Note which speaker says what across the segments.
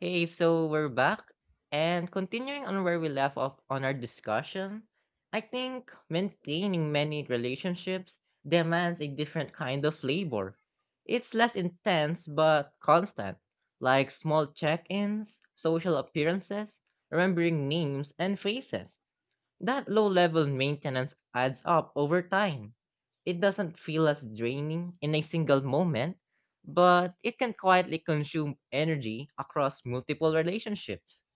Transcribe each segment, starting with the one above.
Speaker 1: Hey, so we're back. And continuing on where we left off on our discussion, I think maintaining many relationships demands a different kind of labor. It's less intense but constant, like small check ins, social appearances, remembering names and faces. That low level maintenance adds up over time. It doesn't feel as draining in a single moment, but it can quietly consume energy across multiple relationships.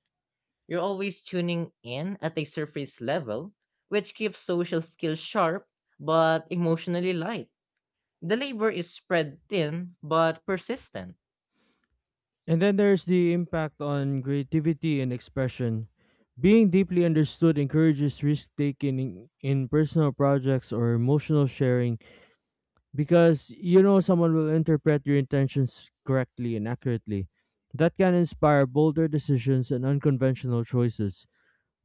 Speaker 1: You're always tuning in at a surface level, which keeps social skills sharp but emotionally light. The labor is spread thin but persistent.
Speaker 2: And then there's the impact on creativity and expression. Being deeply understood encourages risk taking in personal projects or emotional sharing because you know someone will interpret your intentions correctly and accurately. That can inspire bolder decisions and unconventional choices.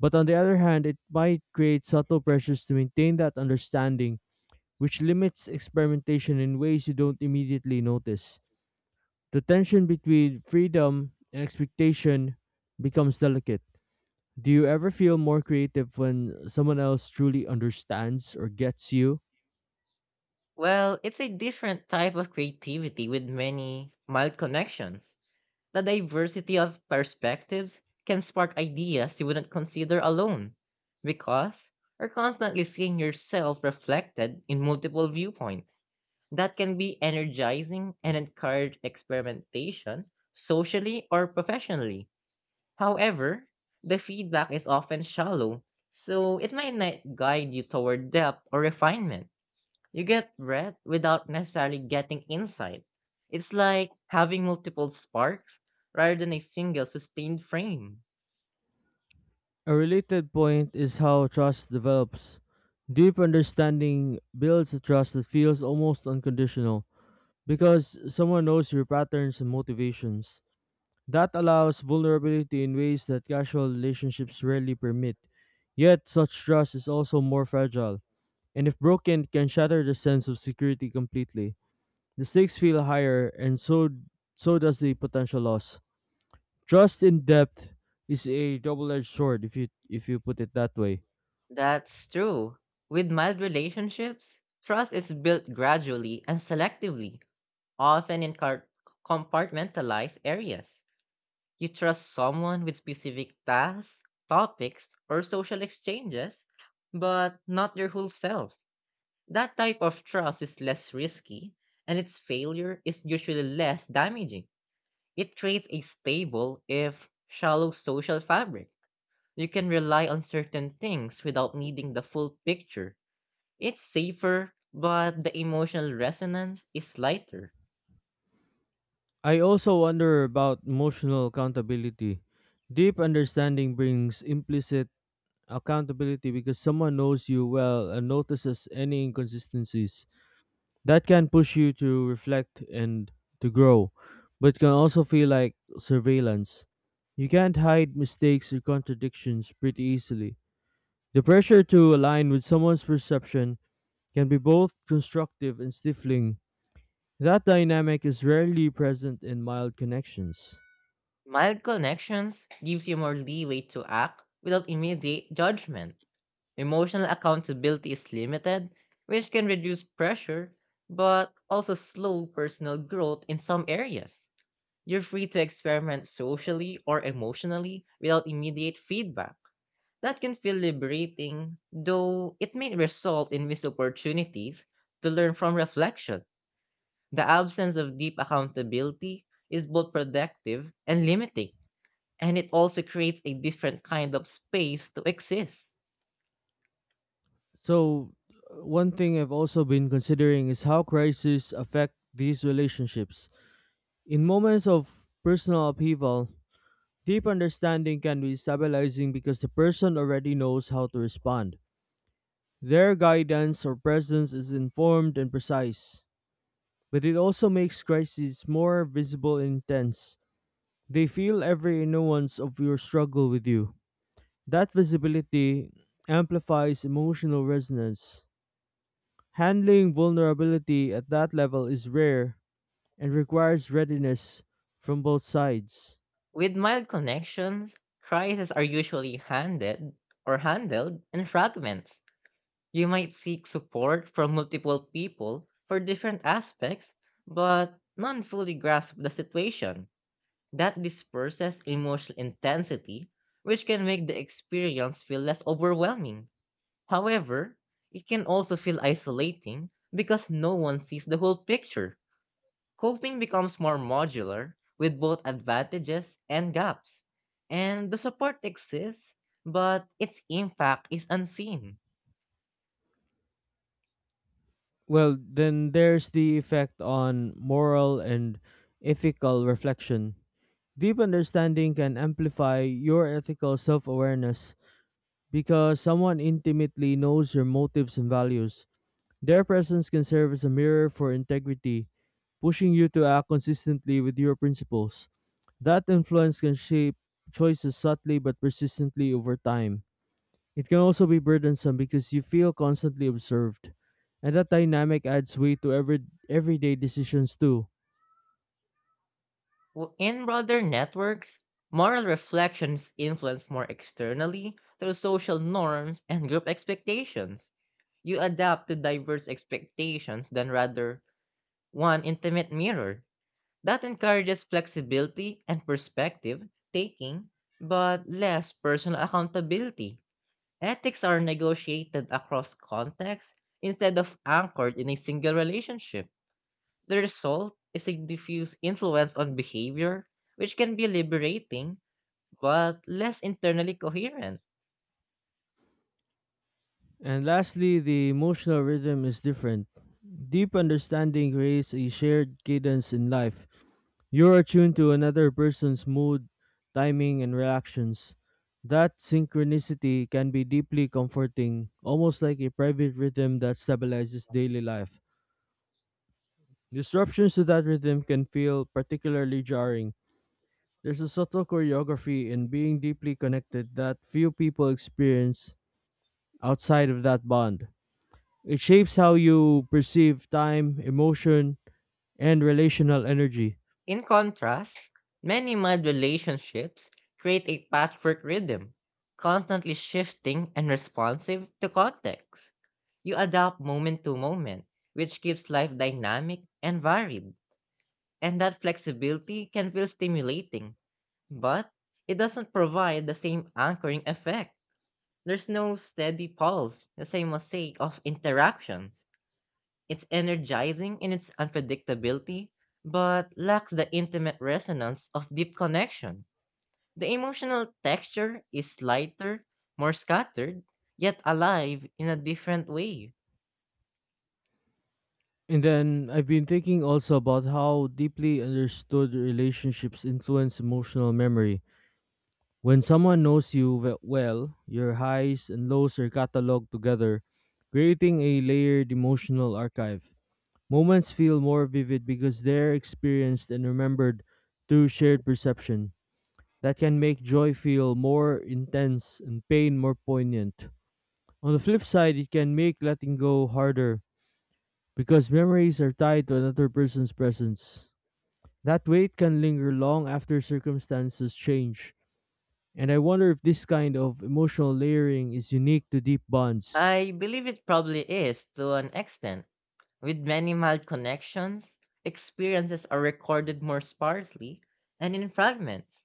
Speaker 2: But on the other hand, it might create subtle pressures to maintain that understanding, which limits experimentation in ways you don't immediately notice. The tension between freedom and expectation becomes delicate. Do you ever feel more creative when someone else truly understands or gets you?
Speaker 1: Well, it's a different type of creativity with many mild connections. The diversity of perspectives can spark ideas you wouldn't consider alone because you're constantly seeing yourself reflected in multiple viewpoints. That can be energizing and encourage experimentation socially or professionally. However, the feedback is often shallow, so it might not guide you toward depth or refinement. You get breadth without necessarily getting insight. It's like having multiple sparks rather than a single sustained frame.
Speaker 2: A related point is how trust develops. Deep understanding builds a trust that feels almost unconditional because someone knows your patterns and motivations. That allows vulnerability in ways that casual relationships rarely permit. Yet, such trust is also more fragile, and if broken can shatter the sense of security completely. The stakes feel higher, and so does the potential loss. Trust in depth is a double-edged sword, if you put it that way.
Speaker 1: That's true. With mild relationships, trust is built gradually and selectively, often in car- compartmentalized areas. You trust someone with specific tasks, topics, or social exchanges, but not your whole self. That type of trust is less risky, and its failure is usually less damaging. It creates a stable, if shallow, social fabric. You can rely on certain things without needing the full picture. It's safer, but the emotional resonance is lighter.
Speaker 2: I also wonder about emotional accountability. Deep understanding brings implicit accountability because someone knows you well and notices any inconsistencies. That can push you to reflect and to grow, but can also feel like surveillance. You can't hide mistakes or contradictions pretty easily. The pressure to align with someone's perception can be both constructive and stifling. That dynamic is rarely present in mild connections.
Speaker 1: Mild connections gives you more leeway to act without immediate judgment. Emotional accountability is limited, which can reduce pressure, but also slow personal growth in some areas. You're free to experiment socially or emotionally without immediate feedback. That can feel liberating, though it may result in missed opportunities to learn from reflection. The absence of deep accountability is both productive and limiting, and it also creates a different kind of space to exist.
Speaker 2: So one thing I've also been considering is how crises affect these relationships. In moments of personal upheaval, deep understanding can be stabilizing because the person already knows how to respond. Their guidance or presence is informed and precise. But it also makes crises more visible and intense. They feel every nuance of your struggle with you. That visibility amplifies emotional resonance. Handling vulnerability at that level is rare and requires readiness from both sides.
Speaker 1: With mild connections, crises are usually handed or handled in fragments. You might seek support from multiple people for different aspects, but none fully grasp the situation. That disperses emotional intensity, which can make the experience feel less overwhelming. However, it can also feel isolating because no one sees the whole picture. Coping becomes more modular with both advantages and gaps. And the support exists, but its impact is unseen.
Speaker 2: Well, then there's the effect on moral and ethical reflection. Deep understanding can amplify your ethical self awareness because someone intimately knows your motives and values. Their presence can serve as a mirror for integrity, pushing you to act consistently with your principles. That influence can shape choices subtly but persistently over time. It can also be burdensome because you feel constantly observed, and that dynamic adds weight to every everyday decisions too.
Speaker 1: In broader networks, moral reflection is influenced more externally through social norms and group expectations. You adapt to diverse expectations than rather one intimate mirror. That encourages flexibility and perspective taking, but less personal accountability. Ethics are negotiated across contexts instead of anchored in a single relationship. The result is a diffuse influence on behavior, which can be liberating but less internally coherent.
Speaker 2: And lastly, the emotional rhythm is different. Deep understanding creates a shared cadence in life. You're attuned to another person's mood, timing, and reactions. That synchronicity can be deeply comforting, almost like a private rhythm that stabilizes daily life. Disruptions to that rhythm can feel particularly jarring. There's a subtle choreography in being deeply connected that few people experience outside of that bond. It shapes how you perceive time, emotion, and relational energy.
Speaker 1: In contrast, many mild relationships create a patchwork rhythm, constantly shifting and responsive to context. You adapt moment to moment, which keeps life dynamic and varied, and that flexibility can feel stimulating. But it doesn't provide the same anchoring effect. There's no steady pulse, the same mosaic of interactions. It's energizing in its unpredictability, but lacks the intimate resonance of deep connection. The emotional texture is lighter, more scattered, yet alive in a different way.
Speaker 2: And then I've been thinking also about how deeply understood relationships influence emotional memory. When someone knows well, your highs and lows are cataloged together, creating a layered emotional archive. Moments feel more vivid because they're experienced and remembered through shared perception. That can make joy feel more intense and pain more poignant. On the flip side, it can make letting go harder because memories are tied to another person's presence. That weight can linger long after circumstances change. And I wonder if this kind of emotional layering is unique to deep bonds.
Speaker 1: I believe it probably is to an extent. With many mild connections, experiences are recorded more sparsely and in fragments.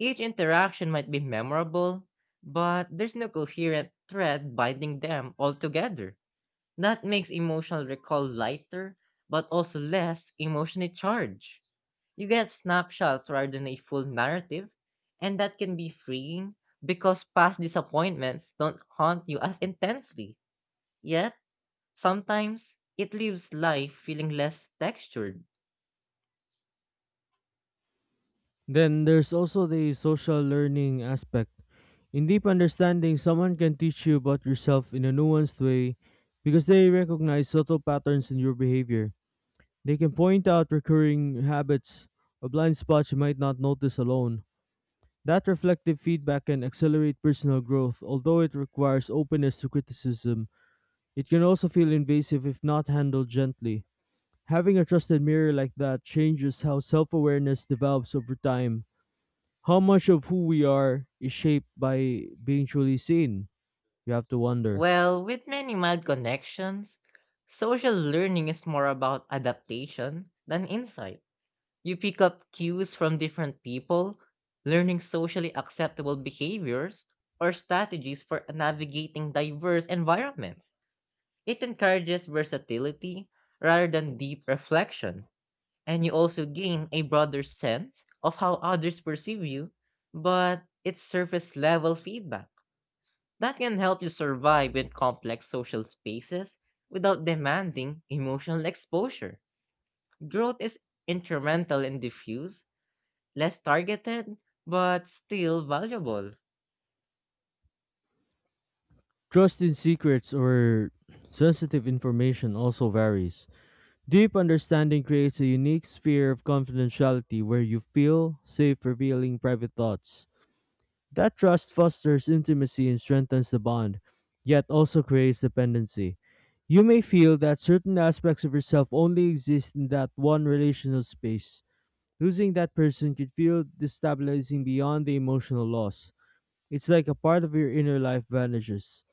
Speaker 1: Each interaction might be memorable, but there's no coherent thread binding them all together. That makes emotional recall lighter, but also less emotionally charged. You get snapshots rather than a full narrative, and that can be freeing because past disappointments don't haunt you as intensely. Yet, sometimes, it leaves life feeling less textured.
Speaker 2: Then there's also the social learning aspect. In deep understanding, someone can teach you about yourself in a nuanced way because they recognize subtle patterns in your behavior. They can point out recurring habits or blind spots you might not notice alone. That reflective feedback can accelerate personal growth, although it requires openness to criticism. It can also feel invasive if not handled gently. Having a trusted mirror like that changes how self awareness develops over time. How much of who we are is shaped by being truly seen? You have to wonder.
Speaker 1: Well, with many mild connections, social learning is more about adaptation than insight. You pick up cues from different people, learning socially acceptable behaviors or strategies for navigating diverse environments. It encourages versatility rather than deep reflection, and you also gain a broader sense of how others perceive you, but it's surface level feedback that can help you survive in complex social spaces without demanding emotional exposure. Growth is incremental and diffuse, less targeted, but still valuable.
Speaker 2: Trust in secrets or sensitive information also varies. Deep understanding creates a unique sphere of confidentiality where you feel safe revealing private thoughts. That trust fosters intimacy and strengthens the bond, yet also creates dependency. You may feel that certain aspects of yourself only exist in that one relational space. Losing that person could feel destabilizing beyond the emotional loss. It's like a part of your inner life vanishes.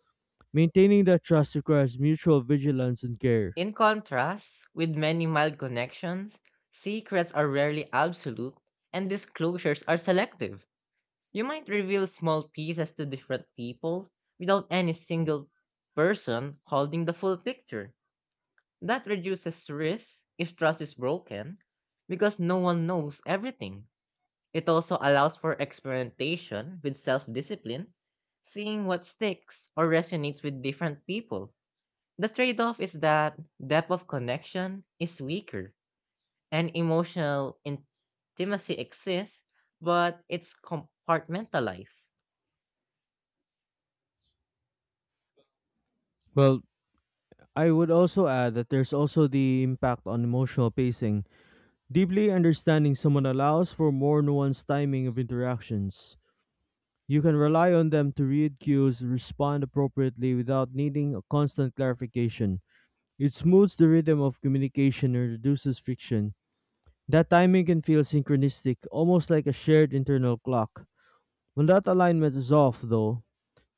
Speaker 2: Maintaining that trust requires mutual vigilance and care.
Speaker 1: In contrast, with many mild connections, secrets are rarely absolute and disclosures are selective. You might reveal small pieces to different people without any single person holding the full picture. That reduces risk if trust is broken because no one knows everything. It also allows for experimentation with self discipline, seeing what sticks or resonates with different people. The trade off is that depth of connection is weaker and emotional intimacy exists, but it's compartmentalized.
Speaker 2: Well, I would also add that there's also the impact on emotional pacing. Deeply understanding someone allows for more nuanced timing of interactions. You can rely on them to read cues and respond appropriately without needing a constant clarification. It smooths the rhythm of communication and reduces friction. That timing can feel synchronistic, almost like a shared internal clock. When that alignment is off, though,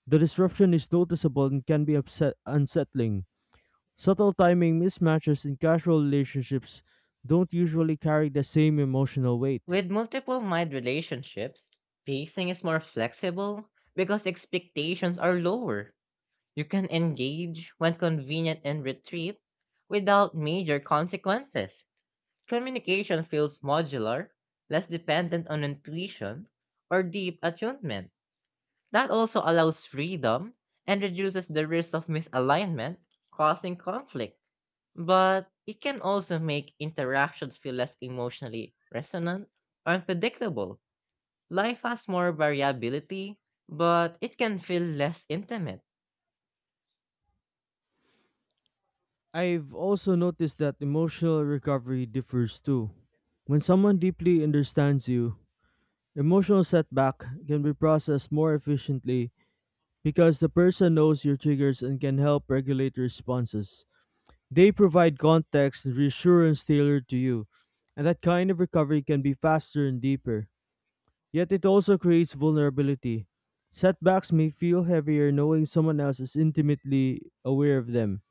Speaker 2: the disruption is noticeable and can be unsettling. Subtle timing mismatches in casual relationships don't usually carry the same emotional weight.
Speaker 1: With multiple mind relationships, pacing is more flexible because expectations are lower. You can engage when convenient and retreat without major consequences. Communication feels modular, less dependent on intuition or deep attunement. That also allows freedom and reduces the risk of misalignment causing conflict. But it can also make interactions feel less emotionally resonant or unpredictable. Life has more variability, but it can feel less intimate.
Speaker 2: I've also noticed that emotional recovery differs too. When someone deeply understands you, emotional setback can be processed more efficiently because the person knows your triggers and can help regulate responses. They provide context and reassurance tailored to you, and that kind of recovery can be faster and deeper. Yet it also creates vulnerability. Setbacks may feel heavier knowing someone else is intimately aware of them.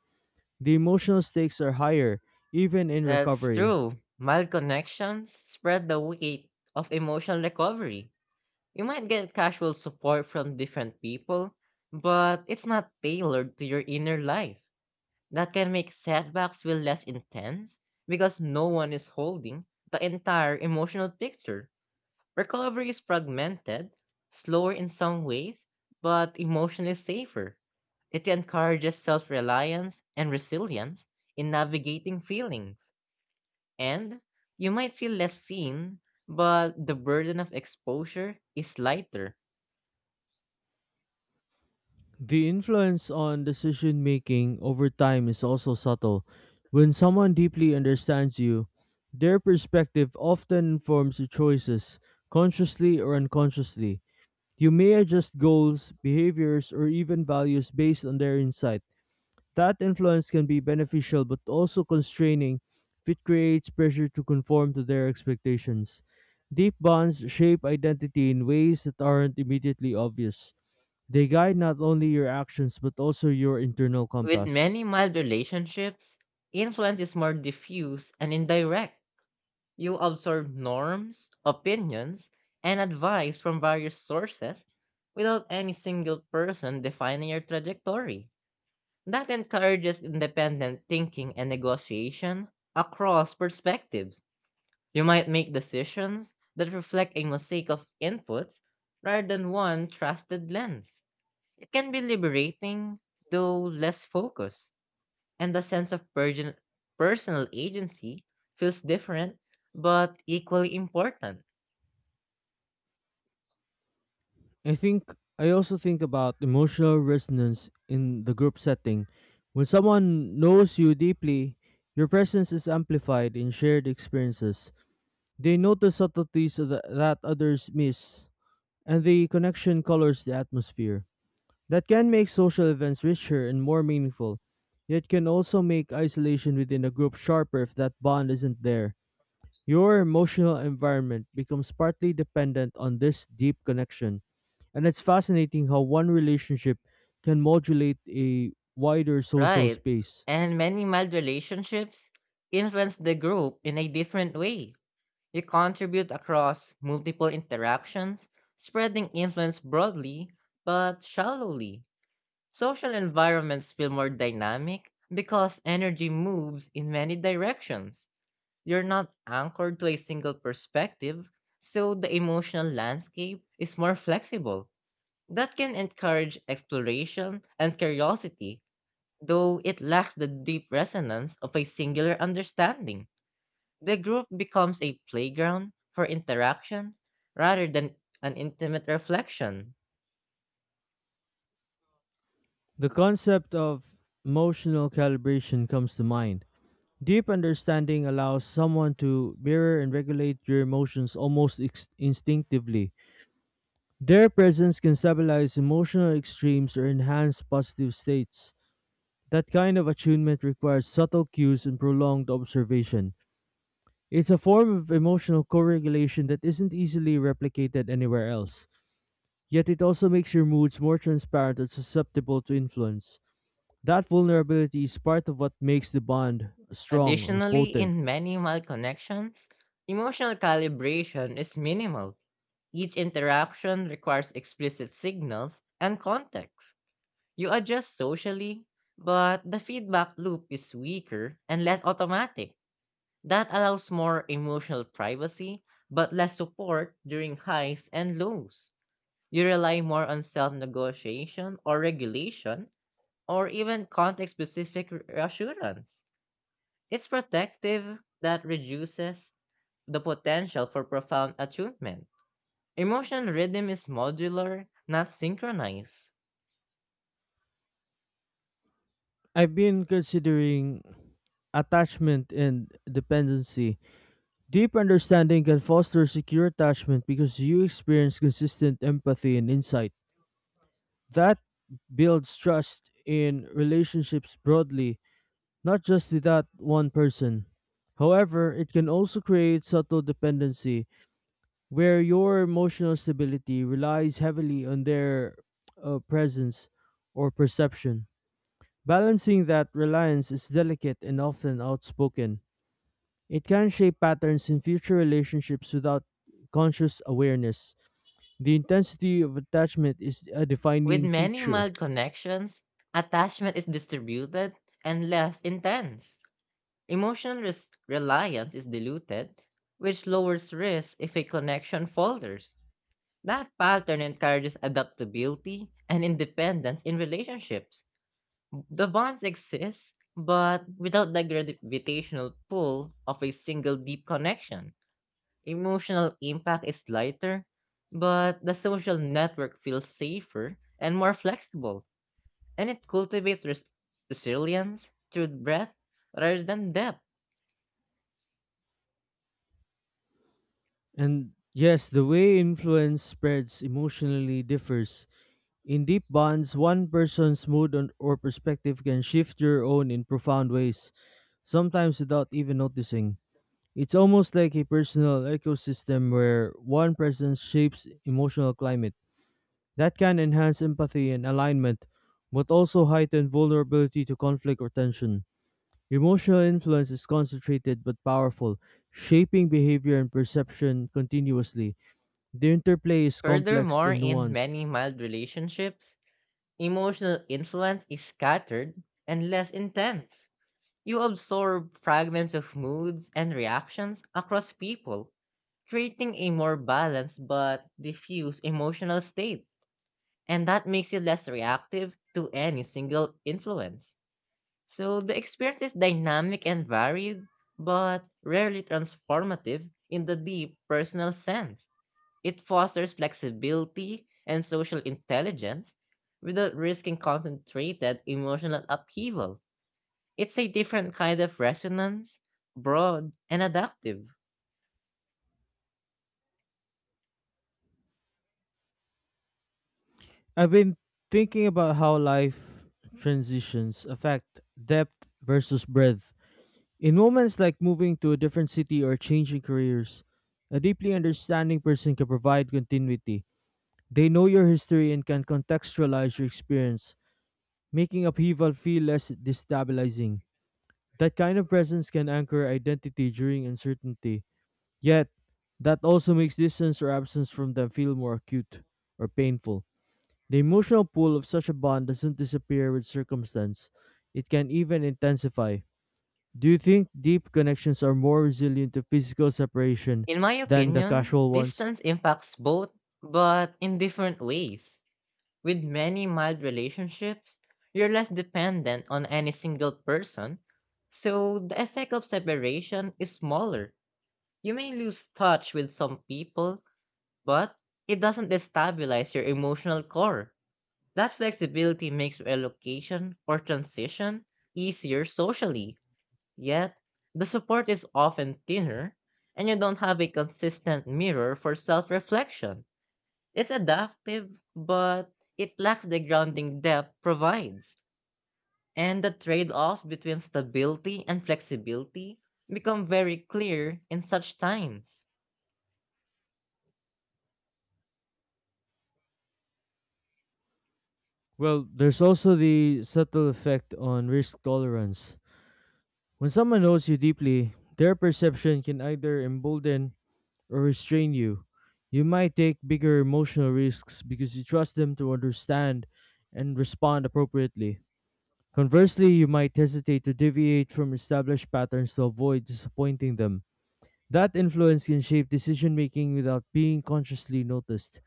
Speaker 2: The emotional stakes are higher, even in
Speaker 1: That's
Speaker 2: recovery.
Speaker 1: true. Mild connections spread the weight of emotional recovery. You might get casual support from different people, but it's not tailored to your inner life. That can make setbacks feel less intense because no one is holding the entire emotional picture. Recovery is fragmented, slower in some ways, but emotionally safer. It encourages self reliance and resilience in navigating feelings. And you might feel less seen, but the burden of exposure is lighter.
Speaker 2: The influence on decision making over time is also subtle. When someone deeply understands you, their perspective often informs your choices, consciously or unconsciously. You may adjust goals, behaviors, or even values based on their insight. That influence can be beneficial but also constraining if it creates pressure to conform to their expectations. Deep bonds shape identity in ways that aren't immediately obvious. They guide not only your actions but also your internal
Speaker 1: With
Speaker 2: compass.
Speaker 1: many mild relationships, influence is more diffuse and indirect. You absorb norms, opinions, and advice from various sources without any single person defining your trajectory. That encourages independent thinking and negotiation across perspectives. You might make decisions that reflect a mosaic of inputs rather than one trusted lens. It can be liberating, though less focused, and the sense of personal agency feels different but equally important.
Speaker 2: I think I also think about emotional resonance in the group setting. When someone knows you deeply, your presence is amplified in shared experiences. They notice subtleties that others miss, and the connection colors the atmosphere. That can make social events richer and more meaningful, yet can also make isolation within a group sharper if that bond isn't there. Your emotional environment becomes partly dependent on this deep connection, and it's fascinating how one relationship can modulate a wider social
Speaker 1: Right.
Speaker 2: space.
Speaker 1: And many mild relationships influence the group in a different way. You contribute across multiple interactions, spreading influence broadly but shallowly. Social environments feel more dynamic because energy moves in many directions. You're not anchored to a single perspective, so the emotional landscape is more flexible. That can encourage exploration and curiosity, though it lacks the deep resonance of a singular understanding. The group becomes a playground for interaction rather than an intimate reflection.
Speaker 2: The concept of emotional calibration comes to mind. Deep understanding allows someone to mirror and regulate your emotions almost instinctively. Their presence can stabilize emotional extremes or enhance positive states. That kind of attunement requires subtle cues and prolonged observation. It's a form of emotional co regulation that isn't easily replicated anywhere else. Yet it also makes your moods more transparent and susceptible to influence. That vulnerability is part of what makes the bond strong or
Speaker 1: Additionally,
Speaker 2: potent.
Speaker 1: in many malconnections, emotional calibration is minimal. Each interaction requires explicit signals and context. You adjust socially, but the feedback loop is weaker and less automatic. That allows more emotional privacy, but less support during highs and lows. You rely more on self negotiation or regulation, or even context specific reassurance. It's protective that reduces the potential for profound attunement. Emotional rhythm is modular, not synchronized.
Speaker 2: I've been considering attachment and dependency. Deep understanding can foster secure attachment because you experience consistent empathy and insight. That builds trust in relationships broadly, not just with that one person. However, it can also create subtle dependency where your emotional stability relies heavily on their presence or perception. Balancing that reliance is delicate and often outspoken. It can shape patterns in future relationships without conscious awareness. The intensity of attachment is a
Speaker 1: With
Speaker 2: defining
Speaker 1: many
Speaker 2: feature.
Speaker 1: mild connections, attachment is distributed and less intense. Emotional reliance is diluted, which lowers risk if a connection falters. That pattern encourages adaptability and independence in relationships. The bonds exist, but without the gravitational pull of a single deep connection. Emotional impact is lighter, but the social network feels safer and more flexible, and it cultivates resilience through breadth rather than depth.
Speaker 2: And yes, the way influence spreads emotionally differs. In deep bonds, one person's or perspective can shift your own in profound ways, sometimes without even noticing. It's almost like a personal ecosystem where one person shapes emotional climate. That can enhance empathy and alignment, but also heighten vulnerability to conflict or tension. Emotional influence is concentrated but powerful, shaping behavior and perception continuously. The interplay is complex
Speaker 1: Furthermore,
Speaker 2: and
Speaker 1: in
Speaker 2: nuanced.
Speaker 1: many mild relationships, emotional influence is scattered and less intense. You absorb fragments of moods and reactions across people, creating a more balanced but diffuse emotional state. And that makes you less reactive to any single influence. So the experience is dynamic and varied, but rarely transformative in the deep personal sense. It fosters flexibility and social intelligence without risking concentrated emotional upheaval. It's a different kind of resonance, broad and adaptive.
Speaker 2: I've been thinking about how life transitions affect depth versus breadth. In moments like moving to a different city or changing careers, a deeply understanding person can provide continuity. They know your history and can contextualize your experience, making upheaval feel less destabilizing. That kind of presence can anchor identity during uncertainty, yet that also makes distance or absence from them feel more acute or painful. The emotional pull of such a bond doesn't disappear with circumstance, it can even intensify. Do you think deep connections are more resilient to physical separation
Speaker 1: In my
Speaker 2: than the
Speaker 1: opinion,
Speaker 2: casual ones?
Speaker 1: distance impacts both, but in different ways. With many mild relationships, you're less dependent on any single person, so the effect of separation is smaller. You may lose touch with some people, but it doesn't destabilize your emotional core. That flexibility makes relocation or transition easier socially. Yet, the support is often thinner, and you don't have a consistent mirror for self reflection. It's adaptive, but it lacks the grounding depth provides. And the trade offs between stability and flexibility become very clear in such times.
Speaker 2: Well, there's also the subtle effect on risk tolerance. When someone knows you deeply, their perception can either embolden or restrain you. You might take bigger emotional risks because you trust them to understand and respond appropriately. Conversely, you might hesitate to deviate from established patterns to avoid disappointing them. That influence can shape decision making without being consciously noticed.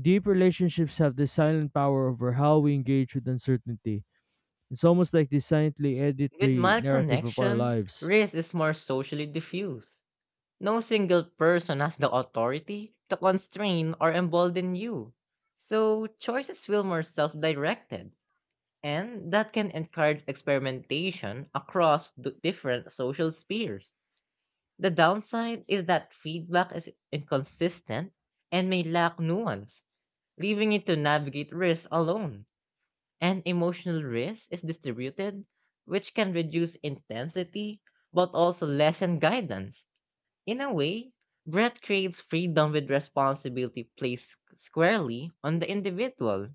Speaker 2: Deep relationships have this silent power over how we engage with uncertainty. It's almost like they silently edit
Speaker 1: With
Speaker 2: the
Speaker 1: mild
Speaker 2: narrative of our
Speaker 1: connections,
Speaker 2: lives.
Speaker 1: risk is more socially diffuse. No single person has the authority to constrain or embolden you, so choices feel more self directed, and that can encourage experimentation across different social spheres. The downside is that feedback is inconsistent and may lack nuance, leaving it to navigate risk alone. And emotional risk is distributed, which can reduce intensity but also lessen guidance. In a way, Breath creates freedom with responsibility placed squarely on the individual.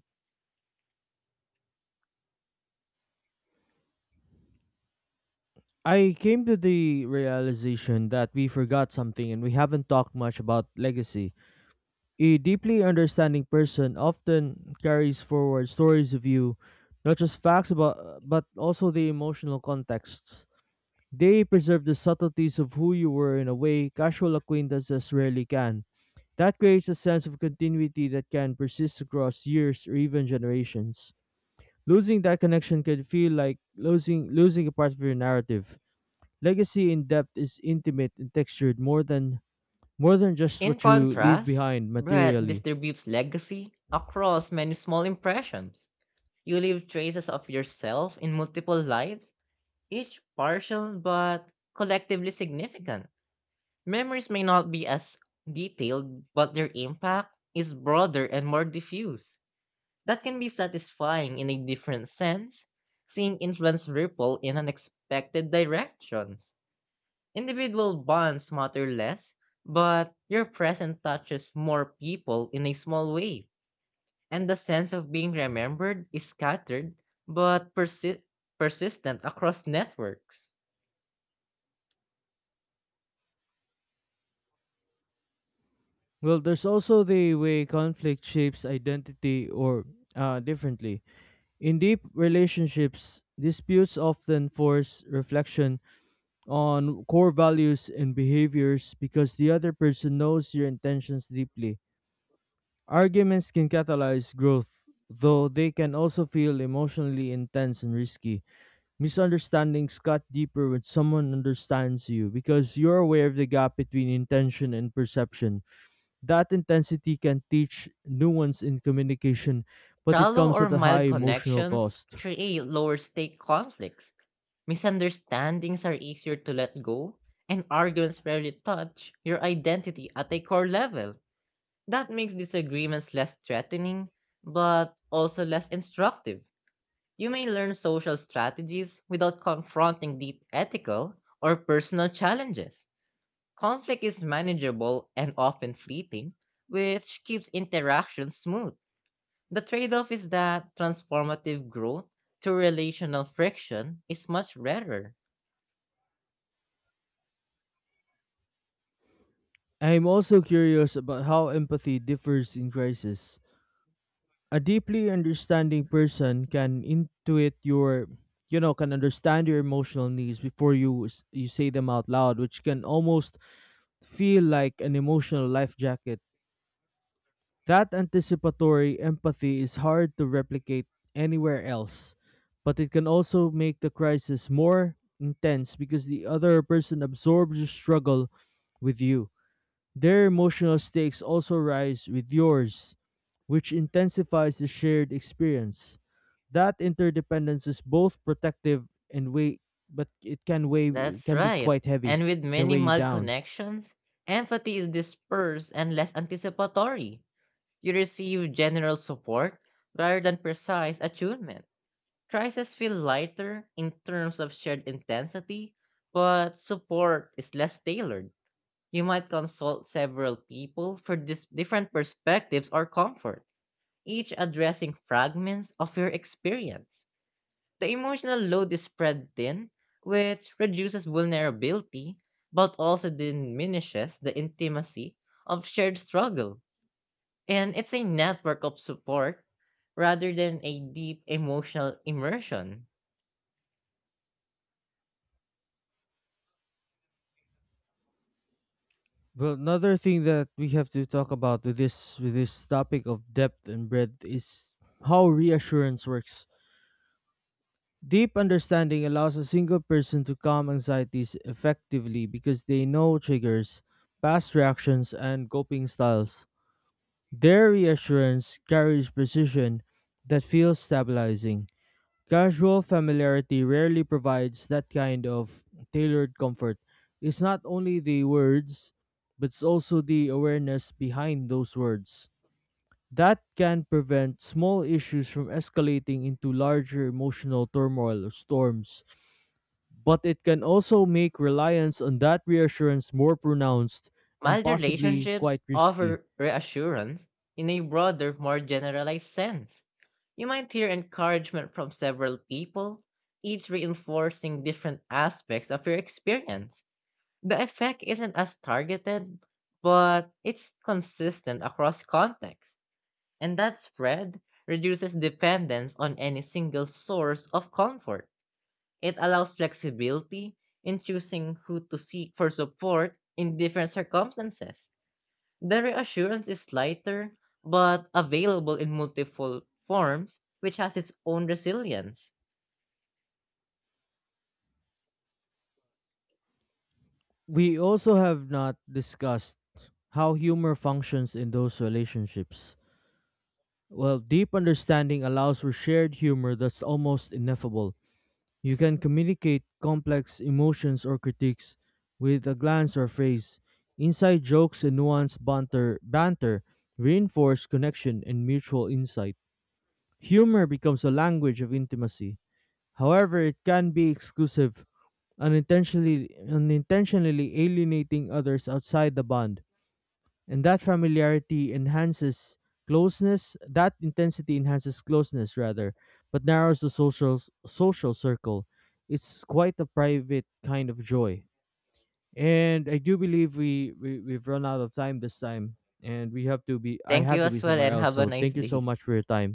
Speaker 2: I came to the realization that we forgot something and we haven't talked much about legacy. A deeply understanding person often carries forward stories of you, not just facts about but also the emotional contexts. They preserve the subtleties of who you were in a way casual acquaintances rarely can. That creates a sense of continuity that can persist across years or even generations. Losing that connection can feel like losing a part of your narrative. Legacy in depth is intimate and textured, more than just
Speaker 1: In
Speaker 2: what you leave
Speaker 1: contrast,
Speaker 2: behind
Speaker 1: bread
Speaker 2: materially.
Speaker 1: distributes legacy across many small impressions. You leave traces of yourself in multiple lives, each partial but collectively significant. Memories may not be as detailed, but their impact is broader and more diffuse. That can be satisfying in a different sense, seeing influence ripple in unexpected directions. Individual bonds matter less, but your presence touches more people in a small way, and the sense of being remembered is scattered but persistent across networks.
Speaker 2: Well, there's also the way conflict shapes identity or differently. In deep relationships, disputes often force reflection on core values and behaviors because the other person knows your intentions deeply. Arguments can catalyze growth, though they can also feel emotionally intense and risky. Misunderstandings cut deeper when someone understands you because you're aware of the gap between intention and perception. That intensity can teach nuance in communication, but it
Speaker 1: Shallow
Speaker 2: comes
Speaker 1: or
Speaker 2: at a high
Speaker 1: mild
Speaker 2: emotional
Speaker 1: connections
Speaker 2: cost.
Speaker 1: create lower stake conflicts. Misunderstandings are easier to let go, and arguments rarely touch your identity at a core level. That makes disagreements less threatening, but also less instructive. You may learn social strategies without confronting deep ethical or personal challenges. Conflict is manageable and often fleeting, which keeps interaction smooth. The trade off is that transformative growth to relational friction is much rarer.
Speaker 2: I'm also curious about how empathy differs in crisis. A deeply understanding person can intuit your, can understand your emotional needs before you say them out loud, which can almost feel like an emotional life jacket. That anticipatory empathy is hard to replicate anywhere else, but it can also make the crisis more intense because the other person absorbs your struggle with you. Their emotional stakes also rise with yours, which intensifies the shared experience. That interdependence is both protective and weight, but it can weigh
Speaker 1: That's
Speaker 2: can be
Speaker 1: right.
Speaker 2: quite
Speaker 1: And
Speaker 2: heavy,
Speaker 1: with
Speaker 2: can
Speaker 1: many
Speaker 2: weigh you
Speaker 1: mild
Speaker 2: down.
Speaker 1: connections, empathy is dispersed and less anticipatory. You receive general support rather than precise attunement. Crises feel lighter in terms of shared intensity, but support is less tailored. You might consult several people for different perspectives or comfort, each addressing fragments of your experience. The emotional load is spread thin, which reduces vulnerability, but also diminishes the intimacy of shared struggle. And it's a network of support rather than a deep emotional immersion.
Speaker 2: Well, another thing that we have to talk about with this topic of depth and breadth is how reassurance works. Deep understanding allows a single person to calm anxieties effectively because they know triggers, past reactions, and coping styles. Their reassurance carries precision that feels stabilizing. Casual familiarity rarely provides that kind of tailored comfort. It's not only the words, but it's also the awareness behind those words. That can prevent small issues from escalating into larger emotional turmoil or storms. But it can also make reliance on that reassurance more pronounced and
Speaker 1: Mild
Speaker 2: possibly
Speaker 1: relationships
Speaker 2: quite risky.
Speaker 1: offer reassurance in a broader, more generalized sense. You might hear encouragement from several people, each reinforcing different aspects of your experience. The effect isn't as targeted, but it's consistent across contexts, and that spread reduces dependence on any single source of comfort. It allows flexibility in choosing who to seek for support in different circumstances. The reassurance is lighter, but available in multiple forms, which has its own resilience.
Speaker 2: We also have not discussed how humor functions in those relationships. Well, deep understanding allows for shared humor that's almost ineffable. You can communicate complex emotions or critiques with a glance or phrase. Inside jokes and nuanced banter, reinforce connection and mutual insight. Humor becomes a language of intimacy. However, it can be exclusive, unintentionally alienating others outside the bond, and that intensity enhances closeness, rather, but narrows the social circle. It's quite a private kind of joy, and I do believe we've run out of time this time, and we have to be I
Speaker 1: Thank
Speaker 2: have
Speaker 1: you
Speaker 2: to be
Speaker 1: as well
Speaker 2: somewhere
Speaker 1: and
Speaker 2: else,
Speaker 1: have a
Speaker 2: so
Speaker 1: nice
Speaker 2: thank you so
Speaker 1: day.
Speaker 2: much for your time.